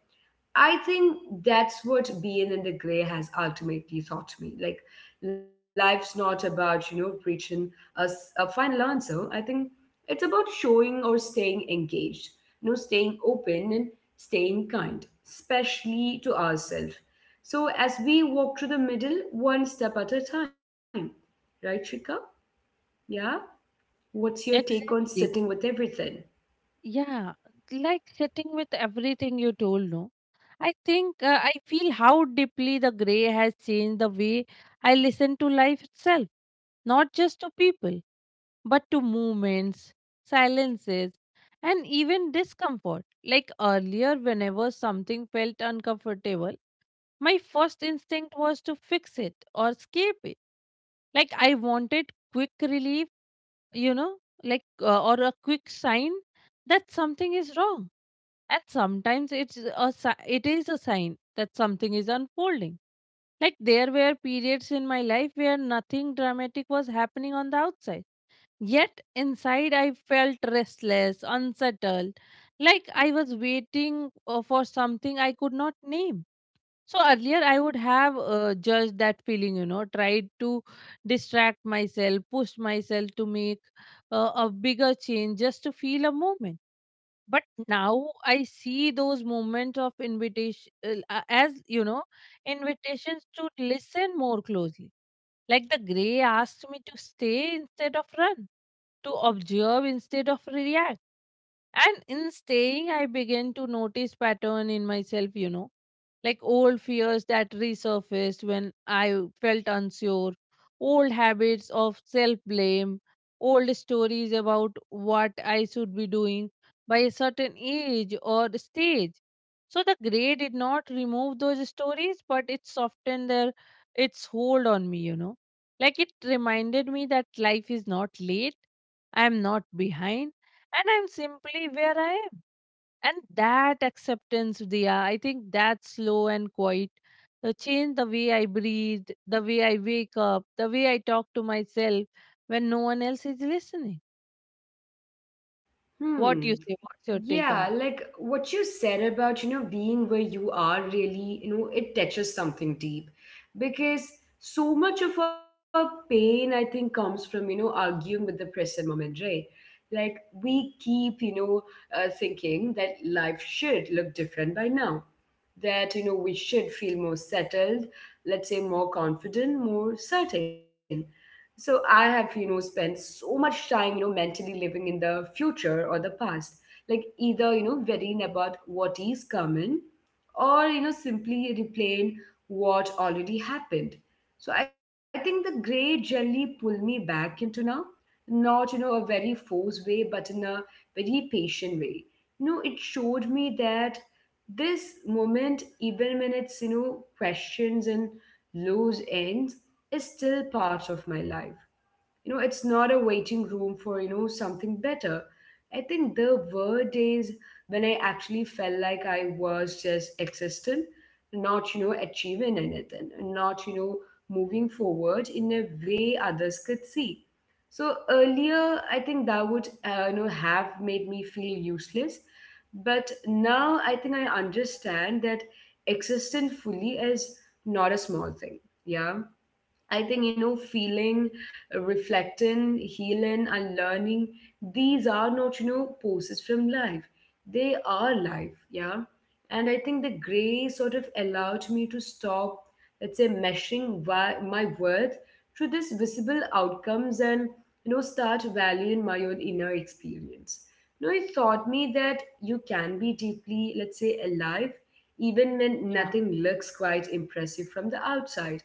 Speaker 1: I think that's what being in the gray has ultimately taught me. Like, life's not about, reaching a final answer. I think it's about showing or staying engaged, staying open and staying kind, especially to ourselves. So, as we walk through the middle, one step at a time, right, Shika? Yeah? What's your take on
Speaker 2: exactly.
Speaker 1: sitting with everything?
Speaker 2: Yeah, like sitting with everything you told, no? I think I feel how deeply the gray has changed the way I listen to life itself, not just to people, but to movements, silences, and even discomfort. Like earlier, whenever something felt uncomfortable, my first instinct was to fix it or escape it. Like I wanted quick relief, you know, like or a quick sign that something is wrong. And sometimes it is a sign that something is unfolding. Like there were periods in my life where nothing dramatic was happening on the outside. Yet inside I felt restless, unsettled, like I was waiting for something I could not name. So earlier, I would have judged that feeling, you know, tried to distract myself, push myself to make a bigger change just to feel a moment. But now I see those moments of invitation as, you know, invitations to listen more closely. Like the gray asked me to stay instead of run, to observe instead of react, and in staying, I began to notice pattern in myself, you know, like old fears that resurfaced when I felt unsure, old habits of self blame, old stories about what I should be doing by a certain age or stage. So the gray did not remove those stories, but it softened their its hold on me, you know. Like it reminded me that life is not late, I am not behind, and I'm simply where I am. And that acceptance, Dia, I think that slow and quiet change the way I breathe, the way I wake up, the way I talk to myself when no one else is listening. What
Speaker 1: Hmm.
Speaker 2: you say? What's your take on
Speaker 1: Yeah,
Speaker 2: that?
Speaker 1: like what you said about, being where you are really, it touches something deep, because so much of our pain, I think, comes from, arguing with the present moment, right? Like we keep, thinking that life should look different by now, that, we should feel more settled, let's say more confident, more certain. So I have, spent so much time, mentally living in the future or the past, like either worrying about what is coming, or simply replaying what already happened. So I think the gray generally pull me back into now, not you know a very forced way, but in a very patient way. It showed me that this moment, even when it's, questions and lows ends, is still part of my life. It's not a waiting room for, something better. I think there were days when I actually felt like I was just existent, not achieving anything, and not moving forward in a way others could see. So earlier I think that would have made me feel useless. But now I think I understand that existing fully is not a small thing. Yeah. I think, feeling, reflecting, healing, and learning, these are not, poses from life. They are life, yeah. And I think the gray sort of allowed me to stop, let's say, meshing why, my worth through this visible outcomes, and, start valuing my own inner experience. It taught me that you can be deeply, let's say, alive, even when nothing looks quite impressive from the outside.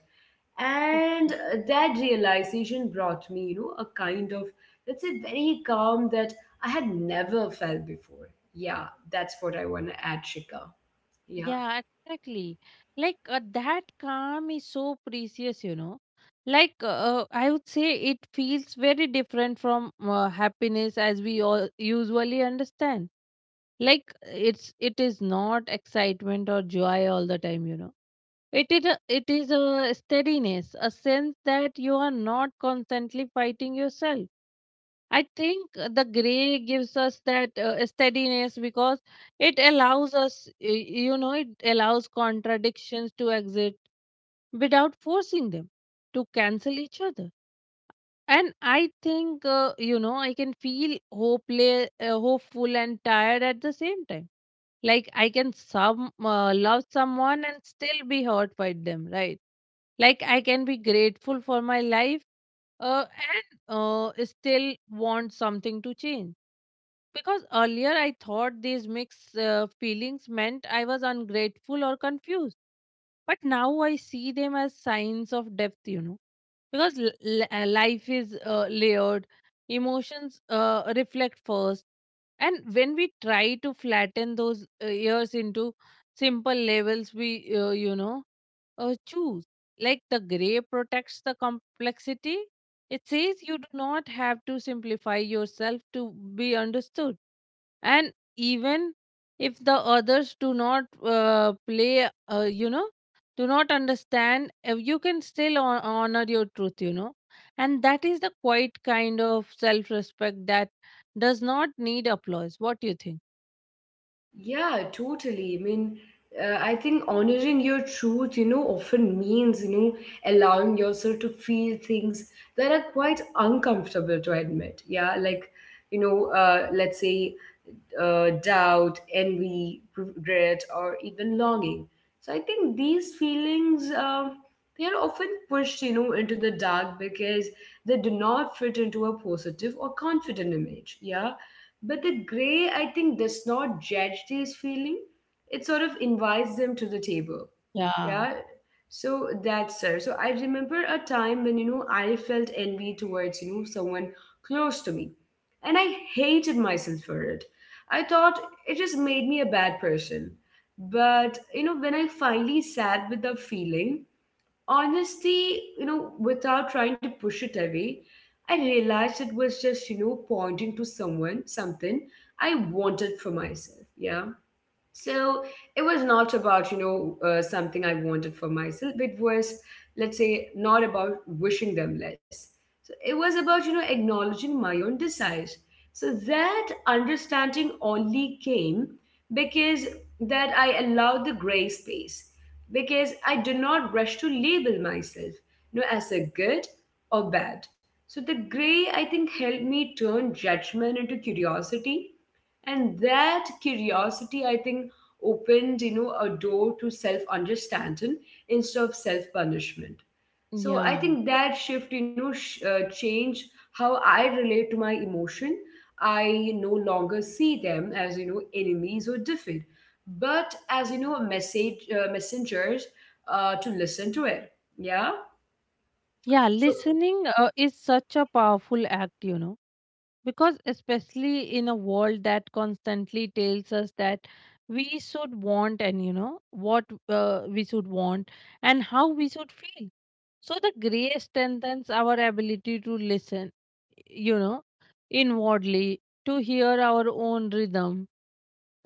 Speaker 2: Oh,
Speaker 1: And that realization brought me, a kind of, let's say, very calm that I had never felt before. Yeah, that's what I want to add, Shika. Yeah.
Speaker 2: yeah, exactly. Like that calm is so precious, you know. Like I would say, it feels very different from happiness as we all usually understand. Like it is not excitement or joy all the time, you know. It is a, it is a steadiness, a sense that you are not constantly fighting yourself. I think the gray gives us that steadiness because it allows you know, it allows contradictions to exist without forcing them to cancel each other. And I think, you know, I can feel hopeless, hopeful, and tired at the same time. Like I can some love someone and still be hurt by them, right? Like I can be grateful for my life uh, and still want something to change. Because earlier I thought these mixed feelings meant I was ungrateful or confused. But now I see them as signs of depth, you know. Because life is layered, emotions reflect first. And when we try to flatten those years into simple levels, we, choose. Like the gray protects the complexity. It says you do not have to simplify yourself to be understood. And even if the others do not you know, do not understand, you can still honor your truth, you know. And that is the quiet kind of self respect that does not need applause. What do you think?
Speaker 1: Yeah, totally. I mean, I think honoring your truth, often means, allowing yourself to feel things that are quite uncomfortable to admit. Yeah, like, let's say, doubt, envy, regret, or even longing. So I think these feelings, they are often pushed, into the dark, because they do not fit into a positive or confident image. Yeah, but the gray I think does not judge these feelings. It sort of invites them to the table.
Speaker 2: Yeah,
Speaker 1: Yeah. So that's sir. So I remember a time when, I felt envy towards, someone close to me, and I hated myself for it. I thought it just made me a bad person. But, when I finally sat with the feeling, honesty, without trying to push it away, I realized it was just, pointing to someone something I wanted for myself. Yeah. So it was not about, something I wanted for myself. It was, let's say, not about wishing them less. So it was about, acknowledging my own desires. So that understanding only came because that I allowed the gray space, because I did not rush to label myself, as a good or bad. So the gray, I think, helped me turn judgment into curiosity. And that curiosity, I think, opened, a door to self understanding instead of self punishment. So I
Speaker 2: yeah.
Speaker 1: think that shift, change how I relate to my emotion. I no longer see them as, enemies or defeat, but as, message messengers, to listen to it. Yeah,
Speaker 2: Yeah,
Speaker 1: so
Speaker 2: listening is such a powerful act, you know, because especially in a world that constantly tells us that we should want, and you know what we should want and how we should feel. So the gray strengthens our ability to listen, you know, inwardly, to hear our own rhythm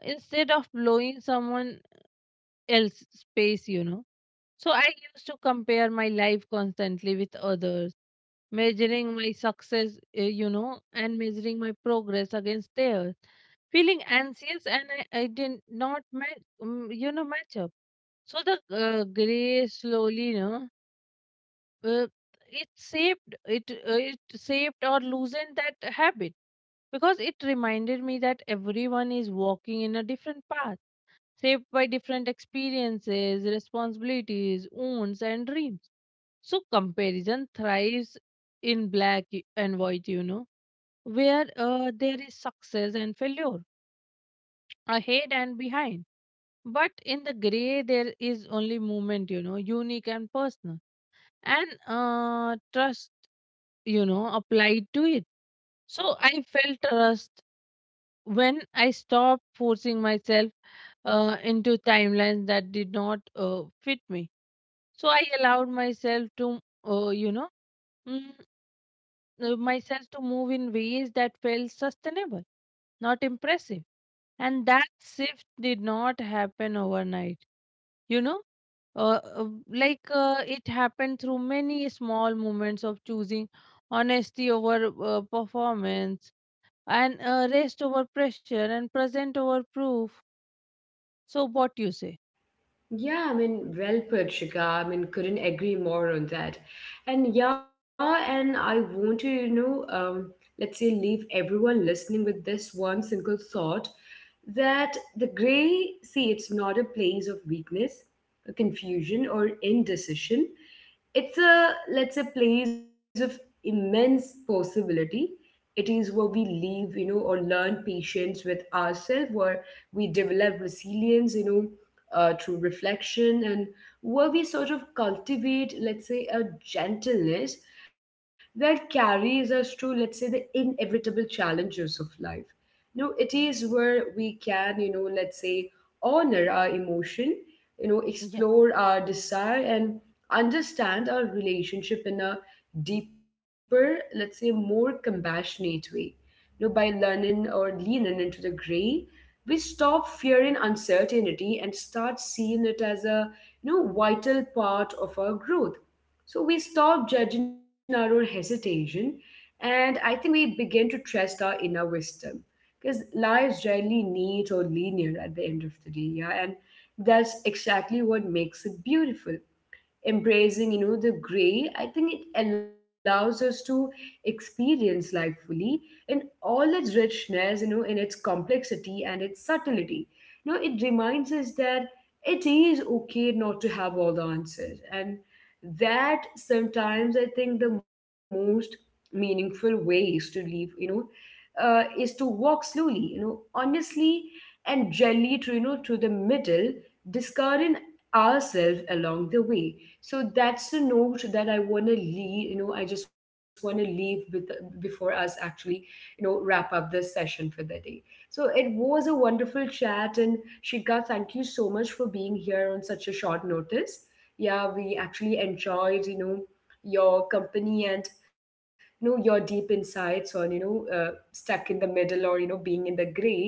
Speaker 2: instead of blowing someone else's space, you know. So I used to compare my life constantly with others, measuring my success, you know, and measuring my progress against theirs, feeling anxious, and I did not, you know, match up. So the gray slowly, you know, uh, it shaped or loosened that habit because it reminded me that everyone is walking in a different path, shaped by different experiences, responsibilities, wounds, and dreams. So comparison thrives in black and white, you know, where there is success and failure, ahead and behind. But in the gray there is only movement, you know, unique and personal, and trust, you know, applied to it. So I felt trust when I stopped forcing myself into timelines that did not fit me. So I allowed myself to uh, you know mm, myself to move in ways that felt sustainable, not impressive. And that shift did not happen overnight. You know, uh, uh, like it happened through many small moments of choosing honesty over performance, and rest over pressure, and present over proof. So, what you say?
Speaker 1: yeah, I mean, well put, Shika. I mean, couldn't agree more on that. And yeah, and I want to, let's say, leave everyone listening with this one single thought, that the gray see, it's not a place of weakness, a confusion, or indecision. It's a, let's say, place of immense possibility. It is where we live, or learn patience with ourselves, where we develop resilience, through reflection, and where we sort of cultivate, let's say, a gentleness that carries us through, let's say, the inevitable challenges of life. It is where we can, let's say, honor our emotion,
Speaker 2: Yeah.
Speaker 1: explore our desire, and understand our relationship in a deeper, let's say, more compassionate way. By learning or leaning into the gray, we stop fearing uncertainty and start seeing it as a vital part of our growth. So we stop judging our own hesitation, and I think we begin to trust our inner wisdom, because life rarely neat or linear at the end of the day. Yeah. And that's exactly what makes it beautiful. Embracing, the gray, I think, it allows us to experience life fully in all its richness, in its complexity and its subtlety. It reminds us that it is okay not to have all the answers, and that sometimes I think the most meaningful ways to live, is to walk slowly, honestly and gently to, to the middle, discarding ourselves along the way. So that's the note that I want to leave, I just want to leave with before us actually, wrap up this session for the day. So it was a wonderful chat, and Shika, thank you so much for being here on such a short notice. Yeah, we actually enjoyed, your company, and your deep insights on, stuck in the middle, or being in the gray.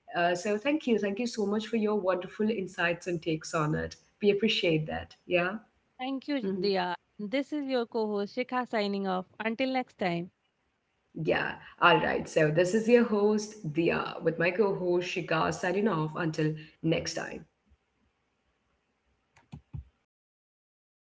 Speaker 1: So thank you, thank you so much for your wonderful insights and takes on it. We appreciate that. Yeah.
Speaker 2: Thank you,
Speaker 1: Mhm.
Speaker 2: Diya. This is your co host, Shikha, signing off. Until next time.
Speaker 1: Yeah, all right. So this is your host, Dia, with my co host, Shikha, signing off until next time.